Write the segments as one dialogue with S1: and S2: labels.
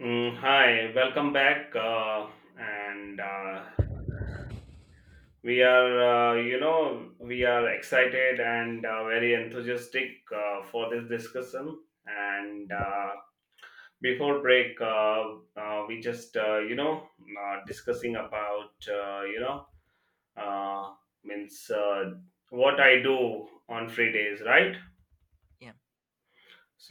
S1: Hi, welcome back. And we are excited and very enthusiastic for this discussion. And before break, we just, discussing about, uh, means what I do on free days, right?
S2: Yeah,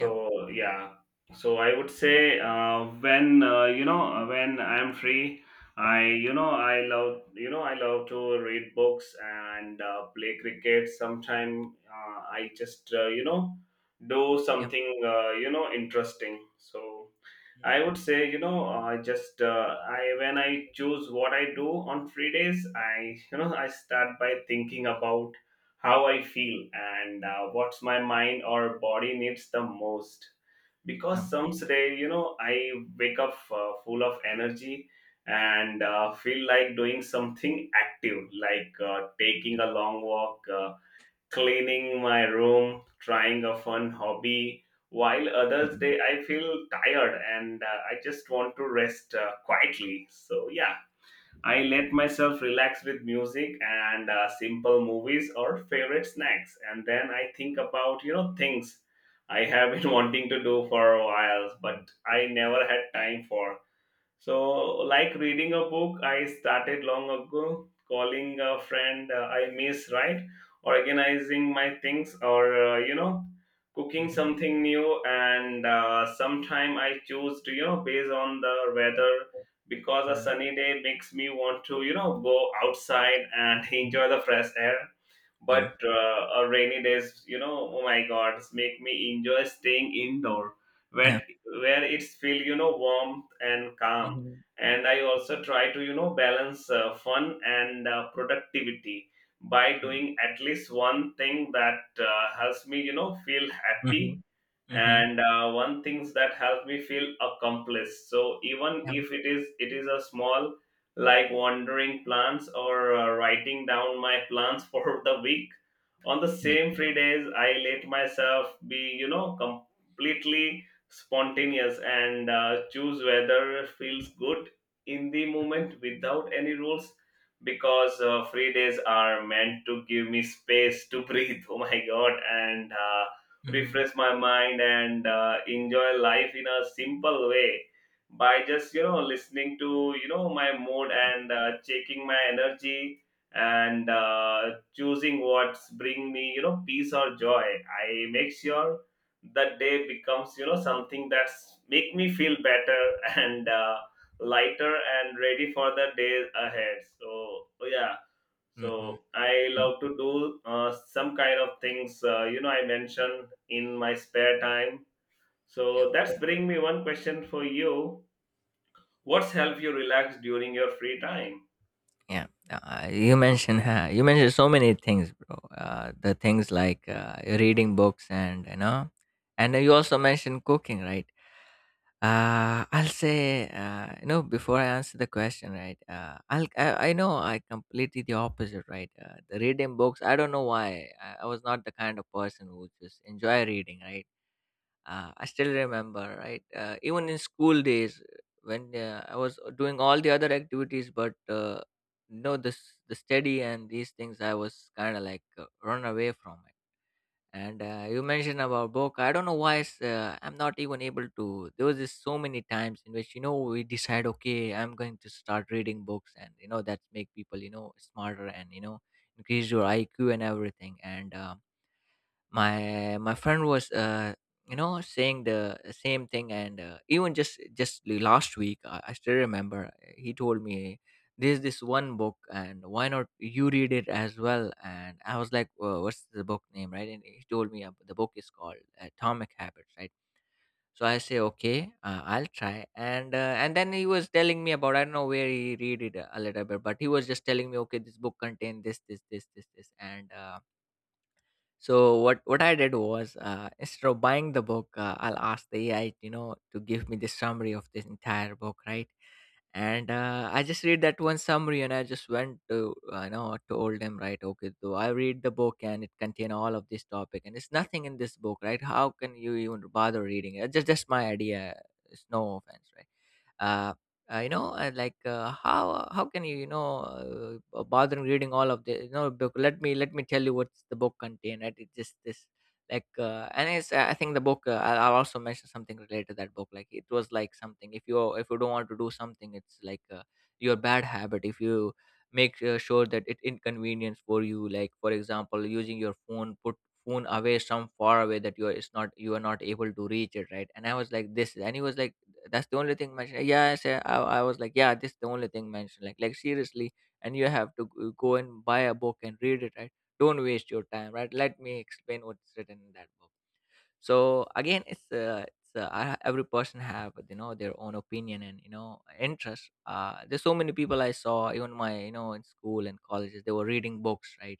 S2: yeah,
S1: yeah, so I would say when I'm free, I you know I love you know I love to read books and play cricket. Sometime I just do
S2: yeah,
S1: something interesting. So
S2: mhm,
S1: I would say, I when I choose what I do on free days, I you know I start by thinking about how I feel and what's my mind or body needs the most.
S2: yeah,
S1: Because some day, I wake up full of energy and feel like doing something active, like taking a long walk. Cleaning my room, trying a fun hobby, while others
S2: yeah,
S1: day I feel tired and I just want to rest quietly. So yeah, I let myself relax with music and simple movies or favorite snacks, and then I think about things I have been wanting to do for a while,
S2: mm,
S1: but I
S2: yeah,
S1: never had time for. So, like reading a book, I started long ago, calling a friend I miss, right? Organizing my things, or cooking
S2: mhm,
S1: something new, and sometime I choose to based on the weather, because
S2: yeah,
S1: a sunny day makes me want to go outside and enjoy the fresh air, but
S2: mhm,
S1: a rainy days, oh my God, make me enjoy staying indoor,
S2: yeah,
S1: where
S2: yeah,
S1: where it's feel warmth and calm.
S2: mhm,
S1: And I also try to balance fun and productivity by
S2: mm,
S1: doing at least one thing that helps me feel happy
S2: mhm, mhm,
S1: and one things that help me feel accomplished, so even if it is a small, like wandering plans or writing down my plans for the week. On the
S2: yeah,
S1: same free days, I let myself be, completely spontaneous and choose whether feels good in the moment without any rules, because free days are meant to give me space to breathe. Oh my God. And
S2: yeah, mhm,
S1: refresh my mind and enjoy life in a simple way by just listening to my mood and checking my energy and choosing what's bring me peace or joy. I make sure that day becomes something that's make me feel better and lighter and ready for the day ahead. So yeah,
S2: mhm,
S1: so I
S2: mm,
S1: love to do some kind of things I mentioned in my spare time,
S2: yeah,
S1: so that's bring me one question for you. What's help you relax during your free time?
S2: yeah. You mentioned you mentioned so many things, bro. The things like reading books, and you also mentioned cooking, right? I'll say, before I answer the question, right? I know I completely the opposite, right? The reading books, I don't know why. I was not the kind of person who just enjoy reading, right? I still remember, right? Even in school days, when I was doing all the other activities, but no, this the study and these things, I was kind of like run away from it. And You mentioned about book. I don't know why it's, I'm not even able to. There was just so many times in which we decide, okay, I'm going to start reading books, and that make people, smarter and, increase your IQ and everything. And My friend was, saying the same thing, and even just the last week, I still remember, he told me there's this one book and why not you read it as well. And I was like, well, what's the book name, right? And he told me, the book is called Atomic Habits, right? So I say, okay, I'll try. And then he was telling me about, I don't know where he read it, a little bit, but he was just telling me, okay, this book contains this, this, this, this, this, and so what I did was, instead of buying the book, I'll ask the AI, to give me the summary of this entire book, right? And I just read that one summary, and I just went to, told them, right? Okay, so I read the book, and it contain all of this topic, and it's nothing in this book, right? How can you even bother reading it? Just my idea. It's no offense, right? Uh, how can you, you know bother reading all of the, book. Let me tell you what's the book contain, right? It's just this. Like and it's, I think the book, I'll also mention something related to that book. Like it was like something, if you don't want to do something, it's like your bad habit, if you make sure that it inconvenience for you. Like, for example, using your phone, put phone away some far away that you are, it's not you are not able to reach it, right? And I was like this, and he was like, that's the only thing mentioned. Yeah, I said, I was like, yeah, this is the only thing mentioned, like seriously. And you have to go and buy a book and read it, right? Don't waste your time, right? Let me explain what's written in that book. So again, every person have, their own opinion and, interest. There's so many people I saw, even my, in school and colleges, they were reading books, right?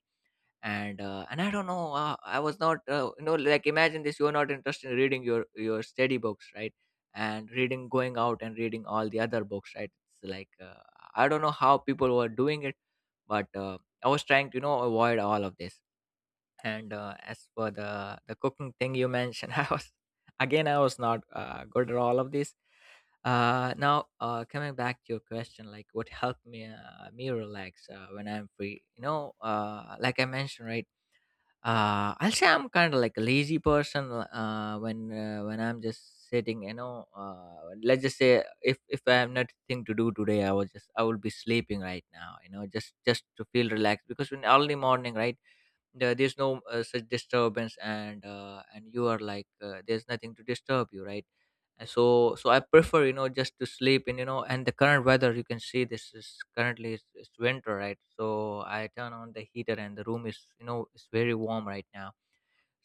S2: And I don't know, I was not, like, imagine this, you're not interested in reading your study books, right? And reading, going out and reading all the other books, right? It's like, I don't know how people were doing it, but I was trying to, avoid all of this. And As for the cooking thing you mentioned, I was not good at all of this. Now, coming back to your question, like, what helped me relax when I'm free. Like I mentioned, right? I'll say I'm kind of like a lazy person, when I'm just sitting. Let's just say, if I have nothing to do today, I was just I will be sleeping right now. Just to feel relaxed, because in early morning, right, there's no such disturbance, and you are like, there's nothing to disturb you, right? And so I prefer, just to sleep. And and the current weather, you can see this, is currently it's winter, right? So I turn on the heater and the room is, it's very warm right now.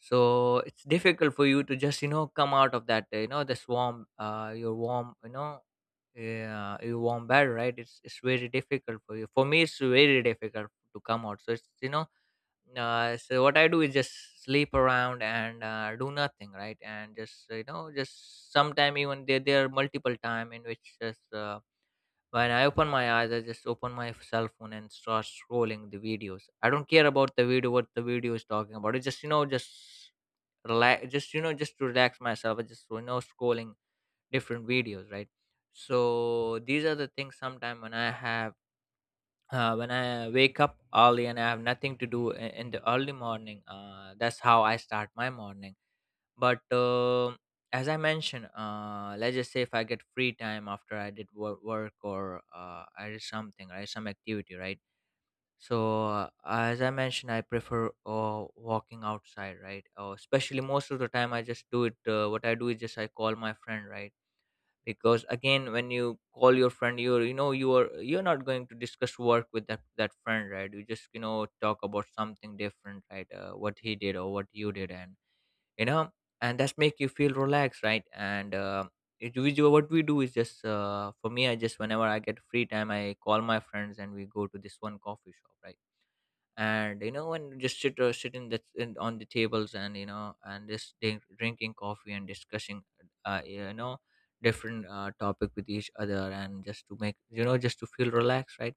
S2: So it's difficult for you to just, come out of that, this warm, your warm, yeah, your warm bed, right? It's very difficult for you, for me it's very difficult to come out. So it's, so what I do is just sleep around and do nothing, right? And just, just sometime, even there, there are multiple time in which, just when I open my eyes, I just open my cell phone and start scrolling the videos. I don't care about the video, what the video is talking about. It's just, just relax, just, just to relax myself. I just, scrolling different videos, right? So these are the things sometime when I have, when I wake up early and I have nothing to do in the early morning, that's how I start my morning. But as I mentioned, let's just say if I get free time after I did work, or I did something, right, some activity, right? So as I mentioned, I prefer walking outside, right? Especially most of the time I just do it, what I do is just I call my friend, right? Because again, when you call your friend, you're, you are, you're not going to discuss work with that friend, right? You just, talk about something different, right? What he did or what you did. And you know and that's make you feel relaxed, right? And it, we do, what we do is just, for me, I just whenever I get free time, I call my friends and we go to this one coffee shop, right? And and just sit, sit in the, in, on the tables, and and just drinking coffee and discussing uh, you know different topic with each other, and just to make, just to feel relaxed, right?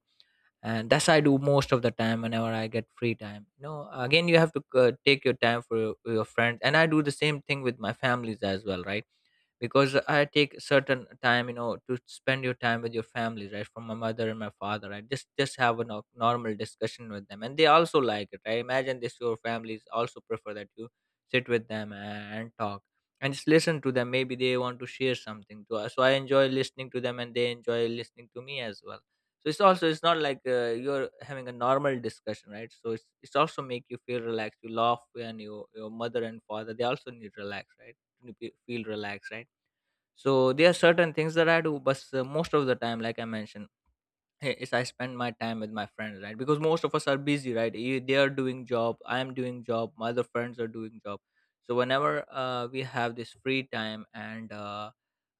S2: And that's I do most of the time whenever I get free time. Again, you have to take your time for your friends, and I do the same thing with my families as well, right? Because I take certain time, to spend your time with your family, right? From my mother and my father, right? Just have a normal discussion with them and they also like it. I imagine this, your families also prefer that you sit with them and talk and just listen to them. Maybe they want to share something to us, so I enjoy listening to them and they enjoy listening to me as well. So it's also, it's not like, you're having a normal discussion, right? So it's also make you feel relaxed, you laugh, and your mother and father, they also need relax, right, to feel relaxed, right? So there are certain things that I do, but most of the time, like I mentioned, eh, is I spend my time with my friends, right? Because most of us are busy, right? You, they are doing job, I am doing job, my other friends are doing job. So whenever we have this free time, and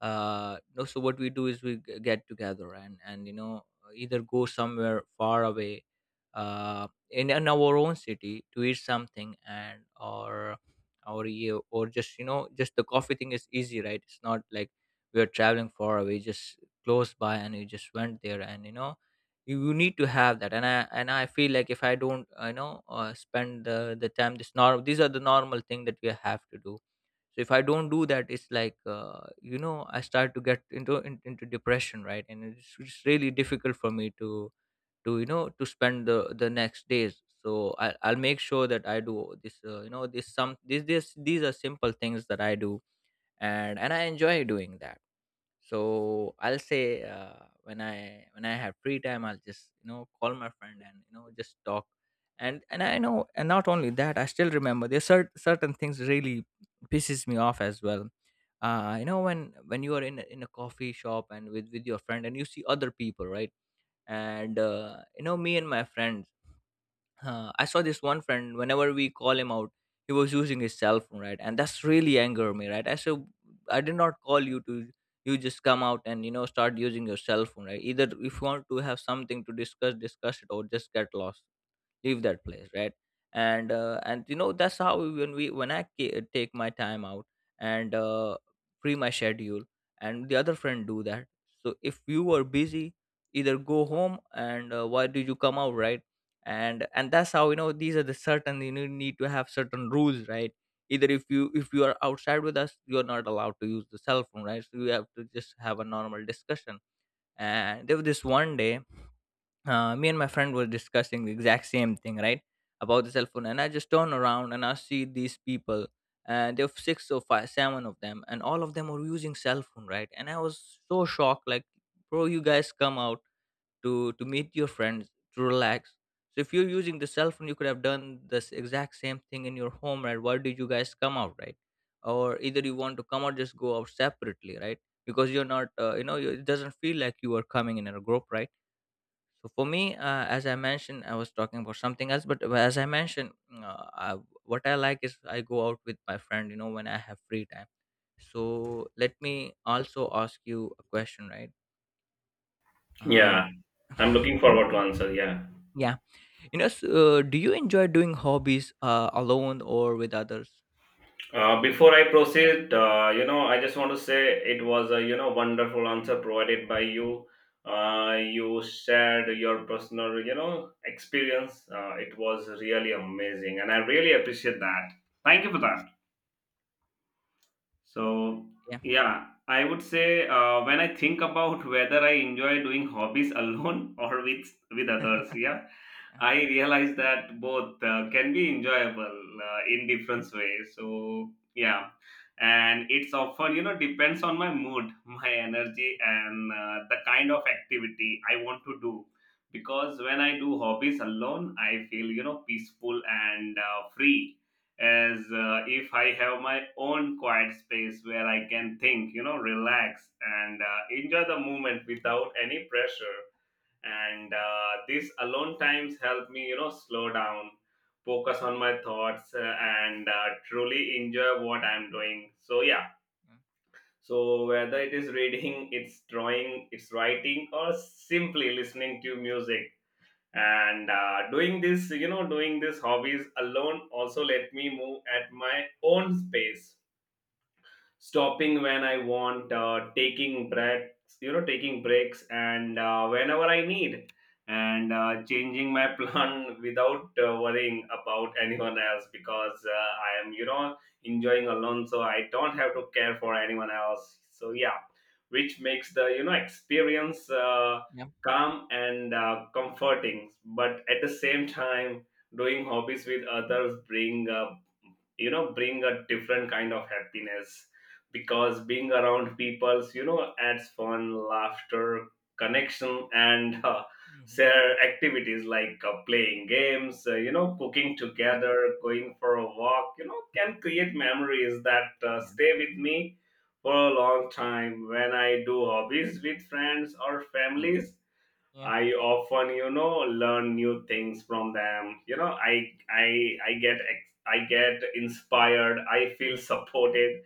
S2: no, so what we do is we get together and you know either go somewhere far away in our own city to eat something, and or you or just you know, just the coffee thing is easy, right? It's not like we are traveling far away, just close by, and you just went there. And you know, you need to have that. And I feel like if I don't spend the time this norm these are the normal thing that we have to do. So if I don't do that, it's like, you know, I start to get into depression, right? And it's really difficult for me to you know to spend the next days. So I'll make sure that I do this, you know this some this this these are simple things that I do, and I enjoy doing that. So I'll say when I have free time, I'll just you know call my friend and you know just talk. And not only that, I still remember there's certain things really pisses me off as well. You know, when you are in in a coffee shop and with your friend, and you see other people, right? And you know, me and my friends, I saw this one friend, whenever we call him out, he was using his cell phone, right? And that's really anger me, right? I said, I did not call you to — you just come out and you know start using your cell phone, right? Either if you want to have something to discuss, discuss it, or just get lost, leave that place, right? And you know, that's how we when I take my time out and free my schedule, and the other friend do that. So if you are busy, either go home, and why did you come out, right? And that's how, you know, these are the certain, you know, need to have certain rules, right? Either if you are outside with us, you are not allowed to use the cell phone, right? So you have to just have a normal discussion. And there was this one day, me and my friend were discussing the exact same thing, right? About the cell phone. And I just turn around and I see these people, and there were six or five, seven of them, and all of them were using cell phone, right? And I was so shocked, like, bro, you guys come out to meet your friends, to relax. So if you're using the cell phone, you could have done this exact same thing in your home, right? Why did you guys come out, right? Or either you want to come out, just go out separately, right? Because you're not, it doesn't feel like you are coming in a group, right? So for me, as I mentioned, I was talking about something else. But as I mentioned, what I like is I go out with my friend, you know, when I have free time. So let me also ask you a question, right? Um,
S1: Yeah, I'm looking forward to answer. Yeah.
S2: yeah, you know, so, do you enjoy doing hobbies alone or with others?
S1: Before I proceed, I just want to say it was a wonderful answer provided by you. You shared your personal experience. It was really amazing, and I really appreciate that. Thank you for that. So,
S2: Yeah,
S1: yeah, I would say when I think about whether I enjoy doing hobbies alone or with others, yeah,
S2: yeah,
S1: I realize that both can be enjoyable in different ways. So, yeah, and it's often depends on my mood, my energy, and the kind of activity I want to do. Because when I do hobbies alone, I feel peaceful and free, as if I have my own quiet space where I can think, relax and enjoy the moment without any pressure. And these alone times help me, slow down, focus on my thoughts, and truly enjoy what I'm doing. So, yeah.
S2: yeah,
S1: So, whether it is reading, it's drawing, it's writing, or simply listening to music and doing this hobbies alone also let me move at my own pace, stopping when I want, taking breaks, and whenever I need, and changing my plan without worrying about anyone else, because I am, enjoying alone, so I don't have to care for anyone else. So yeah, which makes the experience
S2: yeah,
S1: calm and comforting, but at the same time doing hobbies with others bring bring a different kind of happiness, because being around people's adds fun, laughter, connection, and
S2: mm-hmm.
S1: share activities like playing games, cooking
S2: Yeah,
S1: together, going for a walk, can create memories that
S2: yeah,
S1: stay with me for a long time. When I do hobbies with friends or
S2: yeah,
S1: families,
S2: yeah,
S1: I often, learn new things from them. I get inspired. I feel
S2: yeah,
S1: supported,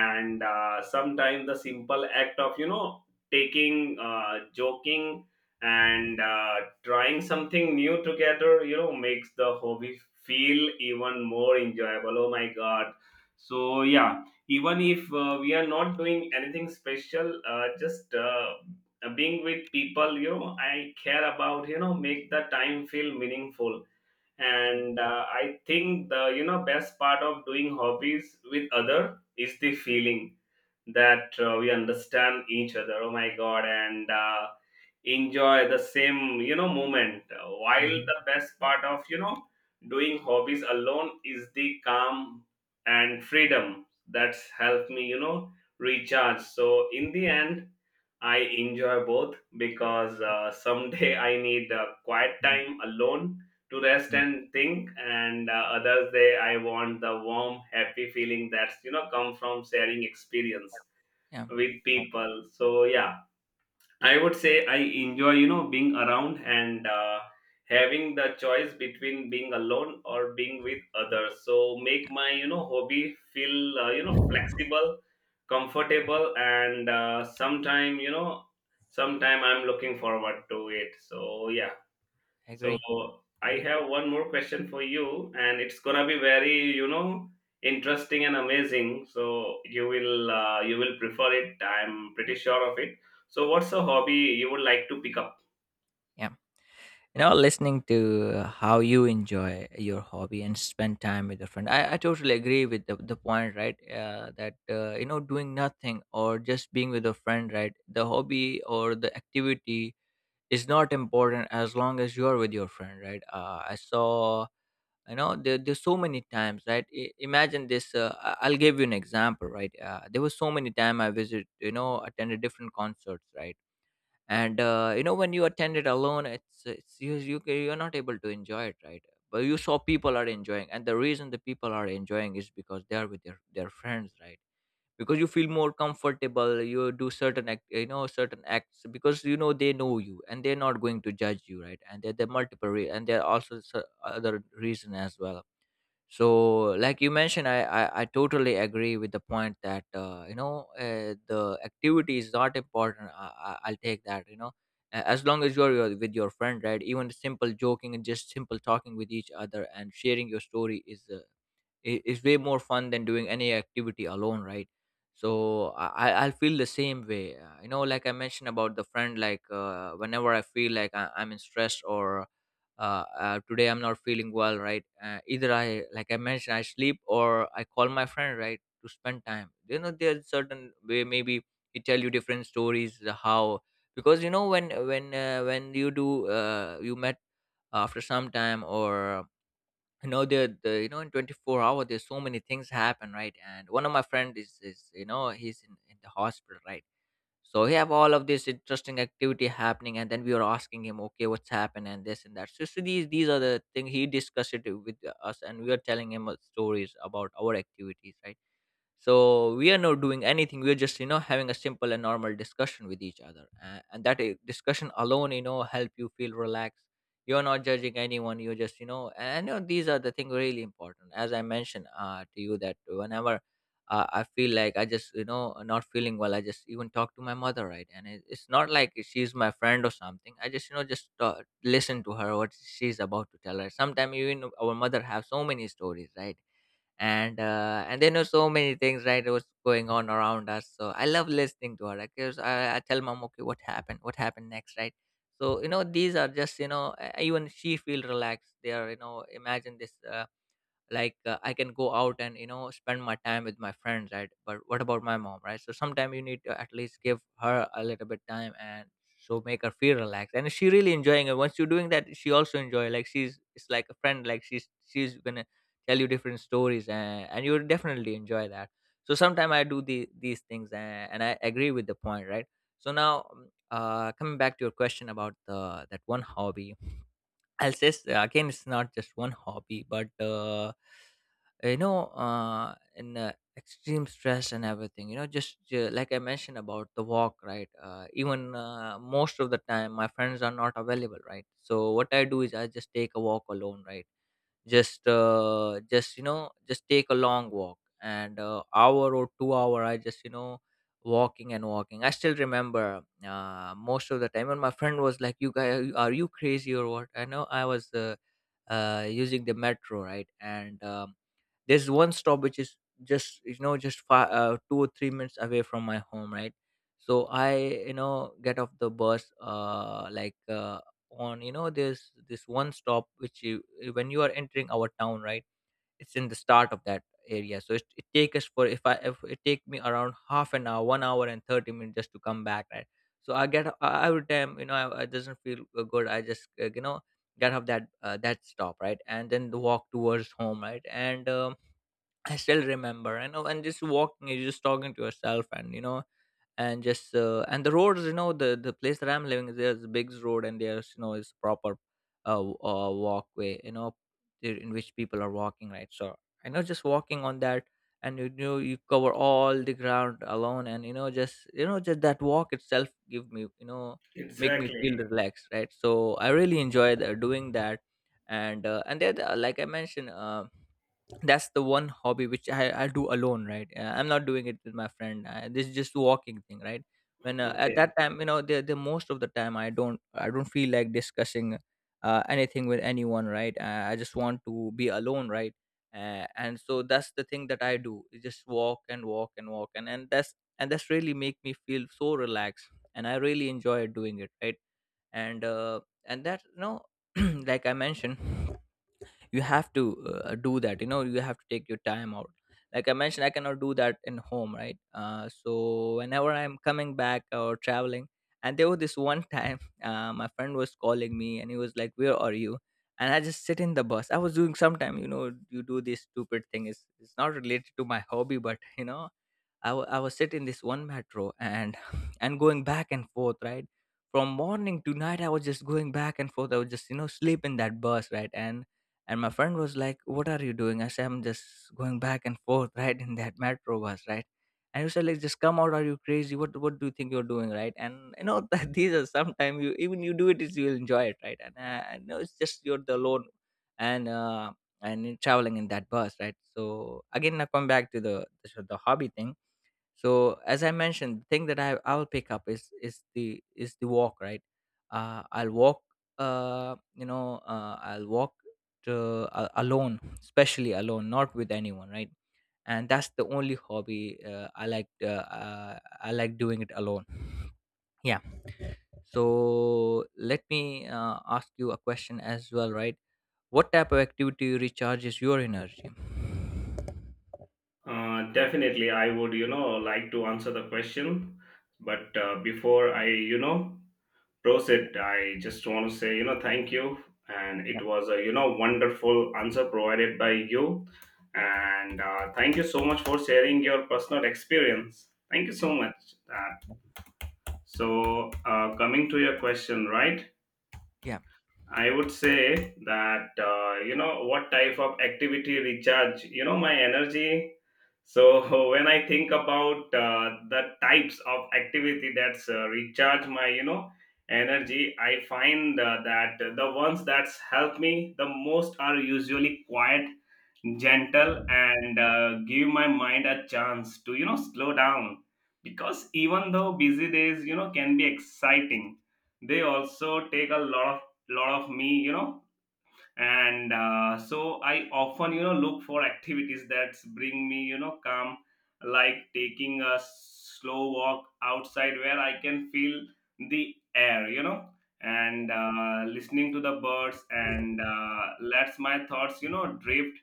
S2: yeah,
S1: sometimes the simple act of taking, joking, and trying something new together, makes the hobby feel even more enjoyable. Oh my god! So yeah, even if we are not doing anything special, just being with people I care about make the time feel meaningful,
S2: yeah.
S1: and I think the best part of doing hobbies with other is the feeling that we understand each other, oh my god, and enjoy the same moment. While
S2: Mhm.
S1: the best part of doing hobbies alone is the calm and freedom that's helped me recharge, so in the end I enjoy both, because
S2: Mm,
S1: someday I need quiet
S2: mm,
S1: time alone to rest
S2: yeah,
S1: and think, and others day I want the warm, happy feeling that's come from sharing experience
S2: yeah.
S1: with people. So yeah, I would say I enjoy, being around and having the choice between being alone or being with others. So make my, hobby feel, flexible, comfortable, and sometime I'm looking forward to it. So yeah.
S2: I
S1: So
S2: agree,
S1: I
S2: agree.
S1: have one more question for you, and it's gonna be very, interesting and amazing. So you will prefer it. I'm pretty sure of it. So what's a hobby you would like to pick up?
S2: Yeah. You know, listening to how you enjoy your hobby and spend time with your friend, I totally agree with the point, right? That you know, doing nothing or just being with a friend, right, the hobby or the activity is not important as long as you're with your friend, right? I saw, you know, there's so many times, right? Imagine this. I'll give you an example, right? There was so many time I visit, you know, attended different concerts, right? And you know, when you attend it alone, it's you, you're not able to enjoy it, right? But you saw people are enjoying, and the reason the people are enjoying is because they are with their friends, right? Because you feel more comfortable, you do certain act you know certain acts, because you know they know you and they're not going to judge you, right? And there are multiple and there are also other reason as well. So like you mentioned, I totally agree with the point that, the activity is not important. I'll take that, you know. As long as you're with your friend, right? Even simple joking and just simple talking with each other and sharing your story is is way more fun than doing any activity alone, right? So I'll feel the same way. You know, like I mentioned about the friend, like whenever I feel like I'm in stress, or today I'm not feeling well, right? Either I, like I mentioned, I sleep or I call my friend, right, to spend time. You know, there's certain way, maybe he tell you different stories, how. Because you know, when you do, you met after some time, or you know the you know in 24 hours hour there's so many things happen, right? And one of my friend is, you know, he's in the hospital, right? So he have all of this interesting activity happening, and then we were asking him, okay, what's happened and this and that. So, so these are the thing he discussed it with us, and we are telling him, stories about our activities, right? So we are not doing anything, we're just you know having a simple and normal discussion with each other. Uh, and that discussion alone, you know, help you feel relaxed. You're not judging anyone, you're just, you know, and you know these are the things really important. As I mentioned to you, that whenever I feel like I just you know not feeling well, I just even talk to my mother, right? And it's not like she's my friend or something, I just you know just listen to her what she's about to tell her. Sometimes even our mother have so many stories, right? And they know so many things, right, that was going on around us. So I love listening to her, because I tell mom, okay, what happened, what happened next, right? So you know these are just, you know, even she feel relaxed. They are, you know, imagine this, I can go out and you know spend my time with my friends, right? But what about my mom, right? So sometimes you need to at least give her a little bit time, and so make her feel relaxed, and she really enjoying it. Once you're doing that, she also enjoy, like she's it's like a friend, like she's gonna tell you different stories, and you'll definitely enjoy that. So sometimes I do these things, and I agree with the point, right? So now, coming back to your question about the that one hobby, I'll say, again, it's not just one hobby, but you know, in extreme stress and everything, you know, just like I mentioned about the walk, right? Even most of the time, my friends are not available, right? So what I do is I just take a walk alone, right? Just you know, just take a long walk, and hour or 2 hour, I just you know walking and walking. I still remember, most of the time, and my friend was like, you guys, are you crazy or what? I know, I was using the metro, right? And there's one stop which is just you know just five, 2 or 3 minutes away from my home, right? So I, you know, get off the bus, like on you know, there's this one stop which you, when you are entering our town, right, it's in the start of that area. So it take us for, if I, if it take me around half an hour, 1 hour and 30 minutes just to come back, right? So I get every time, you know, I doesn't feel good, I just you know, get off that that stop, right, and then the walk towards home, right? And I still remember, you know, and just walking, you're just talking to yourself, and you know, and just and the roads, you know, the place that I'm living is, there's a big road, and there's you know is proper walkway, you know, in which people are walking, right? So I know just walking on that, and you know you cover all the ground alone, and you know just that walk itself give me you know, make me feel
S1: Exactly.
S2: relaxed, right? So I really enjoy doing that, and there, like I mentioned, that's the one hobby which I do alone, right? I'm not doing it with my friend. This is just walking thing, right? When At that
S1: Okay.
S2: time, you know, the most of the time, I don't feel like discussing anything with anyone, right? I just want to be alone, right? And so that's the thing that I do. Is Just walk and walk and walk, and that's and that's really make me feel so relaxed, and I really enjoy doing it, right? And that you know, like I mentioned you have to do that you know you have to take your time out like I mentioned, I cannot do that in home, right? So whenever I'm coming back or traveling. And there was this one time my friend was calling me and he was like, "Where are you?" And I just sit in the bus. I was doing sometime, you know, you do this stupid thing. It's not related to my hobby, but you know, I was sitting in this one metro and and going back and forth, right? From morning to night, I was just going back and forth. I would just you know sleep in that bus, right? And my friend was like, "What are you doing?" I said, "I'm just going back and forth, right, in that metro bus, right?" And he said, "Like, just come out. Are you crazy? What do you think you're doing, right?" And you know that these are sometimes you even you do it is you'll enjoy it, right? And I know it's just you're the alone and uh and in traveling in that bus, right? So again, I come back to the hobby thing. So as I mentioned, the thing that I will pick up is is the walk, right? I'll walk, I'll walk to, alone, especially alone, not with anyone, right? And that's the only hobby I like. I like doing it alone. Yeah. So let me ask you a question as well, right? What type of activity recharges your energy?
S1: Definitely, I would, like to answer the question, but before I,
S2: Yeah.
S1: Prosit, I just want to say, thank you. And
S2: Yeah.
S1: it was a, wonderful answer provided by you. And thank you so much for sharing your personal experience. Thank you so much. Uh, so, coming to your question, right? I would say that what type of activity recharge my energy. So when I think about the types of activity that's recharge my energy, I find that the ones that's help me the most are usually quiet, gentle, and give my mind a chance to slow down, because even though busy days can be exciting, they also take a lot of me, and so I often look for activities that bring me calm, like taking a slow walk outside where I can feel the air, and listening to the birds, and lets my thoughts drift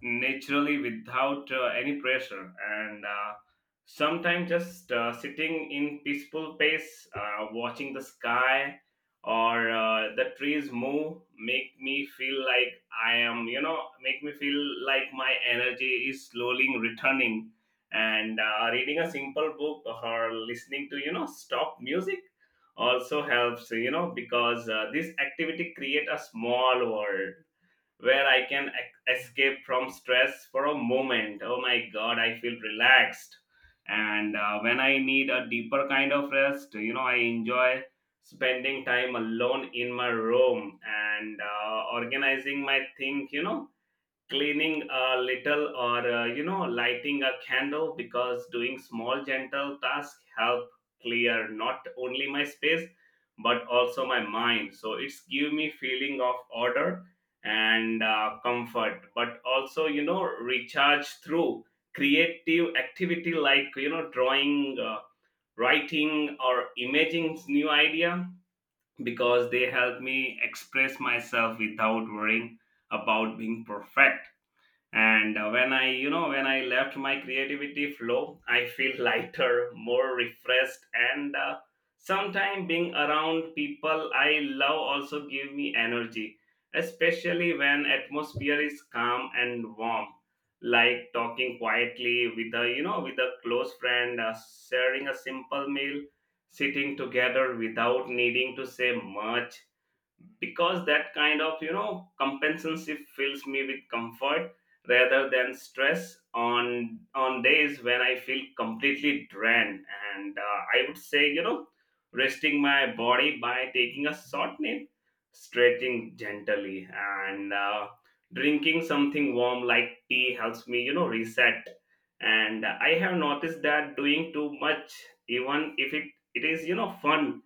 S1: naturally without any pressure, and sometimes just sitting in peaceful pace, watching the sky or the trees move make me feel like I am you know make me feel like my energy is slowly returning, and reading a simple book or listening to stop music also helps, because this activity create a small world where I can escape from stress for a moment. Oh my God, I feel relaxed. And when I need a deeper kind of rest, I enjoy spending time alone in my room and organizing my thing, cleaning a little, or lighting a candle, because doing small gentle tasks help clear not only my space but also my mind, so it's give me feeling of order and comfort, but also recharge through creative activity like drawing, writing, or imaging new idea,
S2: Yeah.
S1: because they help me express myself without worrying about being perfect. And when I left my creativity flow, I feel lighter, more refreshed. And sometimes being around people I love also give me energy, especially when atmosphere is calm and warm, like talking quietly with a you know with a close friend, sharing a simple meal, sitting together without needing to say much, because that kind of compensancy fills me with comfort rather than stress, on days when I feel completely drained. And I would say, resting my body by taking a short nap, stretching gently, and drinking something warm like tea helps me reset. And I have noticed that doing too much, even if it is, fun,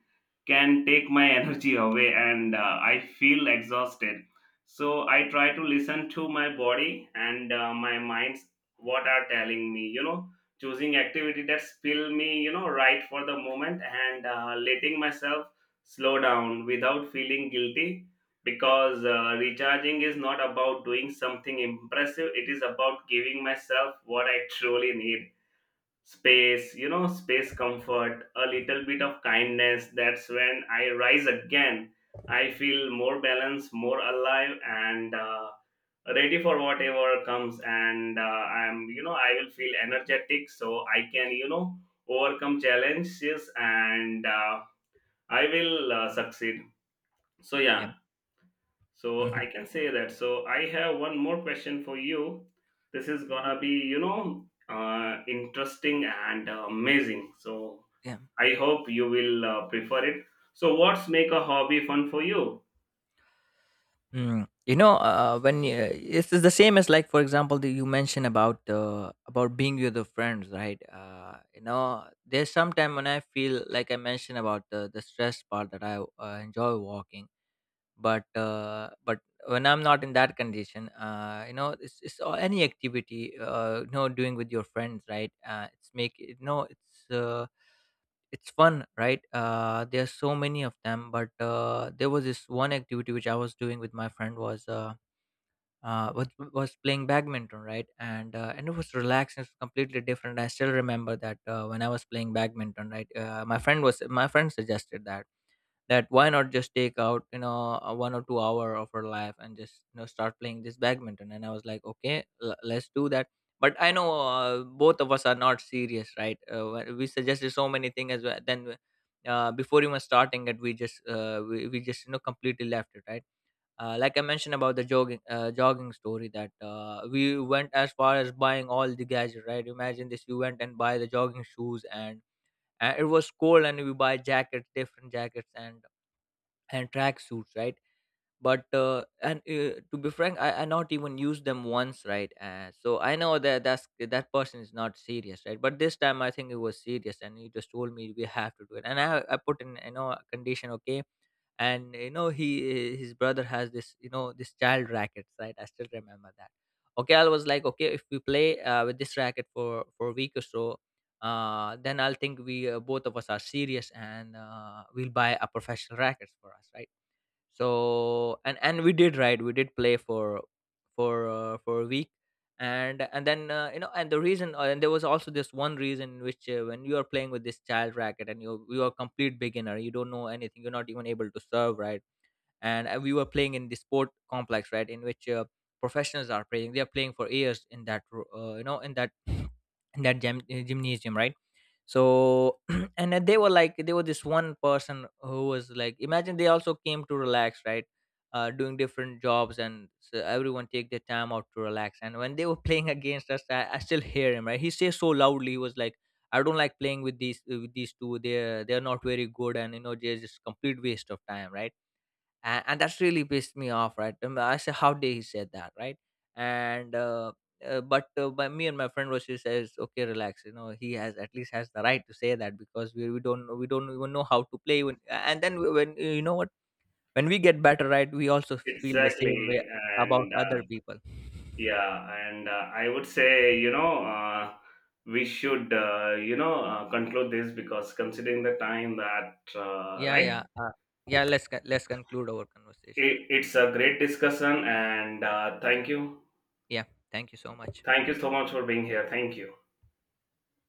S1: can take my energy away, and I feel exhausted. So I try to listen to my body and my minds what are telling me, choosing activity that spill me, right for the moment, and letting myself slow down without feeling guilty, because recharging is not about doing something impressive, it is about giving myself what I truly need, space, space, comfort, a little bit of kindness. That's when I rise again. I feel more balanced, more alive, and ready for whatever comes. And I will feel energetic so I can, overcome challenges, and I will succeed. So,
S2: Yeah.
S1: yeah, so
S2: Mm-hmm. Yeah,
S1: I
S2: mhm,
S1: can say that. So, I have one more question for you. This is gonna be, interesting and amazing. So,
S2: yeah.
S1: I hope you will prefer it. So, what's make a hobby fun for you?
S2: You know, when it's, the same as like, for example, you mentioned about being with the friends, right? You know, there's sometime when I feel like I mentioned about the stress part that I enjoy walking, but when I'm not in that condition, you know, it's any activity, you know, doing with your friends, right? Uh, it's make it no it's it's fun, right? Uh, there's so many of them, but there was this one activity which I was doing with my friend was, was playing badminton, right? And and it was relaxing. It's completely different. I still remember that, when I was playing badminton, right? My friend was, my friend suggested that, that why not just take out you know a 1 or 2 hour of her life and just you know start playing this badminton. And I was like, okay, let's do that. But I know, both of us are not serious, right? We suggested so many things as well. Then before even starting it, we just we just you know completely left it, right? Uh, like I mentioned about the jogging, jogging story, that we went as far as buying all the gadgets, right? Imagine this, you went and buy the jogging shoes, and it was cold and we buy jackets, different jackets, and track suits, right? But uh, and uh, to be frank, I not even used them once, right? So I know that that's that person is not serious, right? But this time I think it was serious, and he just told me we have to do it. And I put in you know a condition. Okay. And you know he, his brother has this you know this child rackets, right? I still remember that. Okay, I was like, okay, if we play with this racket for a week or so, then I'll think we both of us are serious and we'll buy a professional rackets for us, right? So and we did, right? We did play for for a week. And then, you know, and the reason, and there was also this one reason, which, when you are playing with this child racket and you are complete beginner, you don't know anything, you're not even able to serve, right? And we were playing in the sport complex, right? In which professionals are playing, they are playing for years in that you know, in that gym, gymnasium, right? So and then they were like, they were this one person who was like, imagine they also came to relax, right? Uh, doing different jobs, and so everyone take their time out to relax. And when they were playing against us, I still hear him, right? He says so loudly, he was like, I don't like playing with these, with these two, they're not very good, and you know they're just complete waste of time, right? And that's really pissed me off, right? I said, how dare he said that, right? and but By me and my friend was, she says, okay, relax, you know, he has at least has the right to say that because we don't know, we don't even know how to play. When, and then when, you know what, when we get better, right, we also feel the same
S1: Exactly,
S2: way about
S1: and
S2: other people.
S1: yeah, and I would say we should conclude this, because considering the time that
S2: Yeah.
S1: right,
S2: Yeah, let's conclude our conversation here.
S1: it's a great discussion, and
S2: Yeah, thank you so much.
S1: thank you so much for being here. Thank you.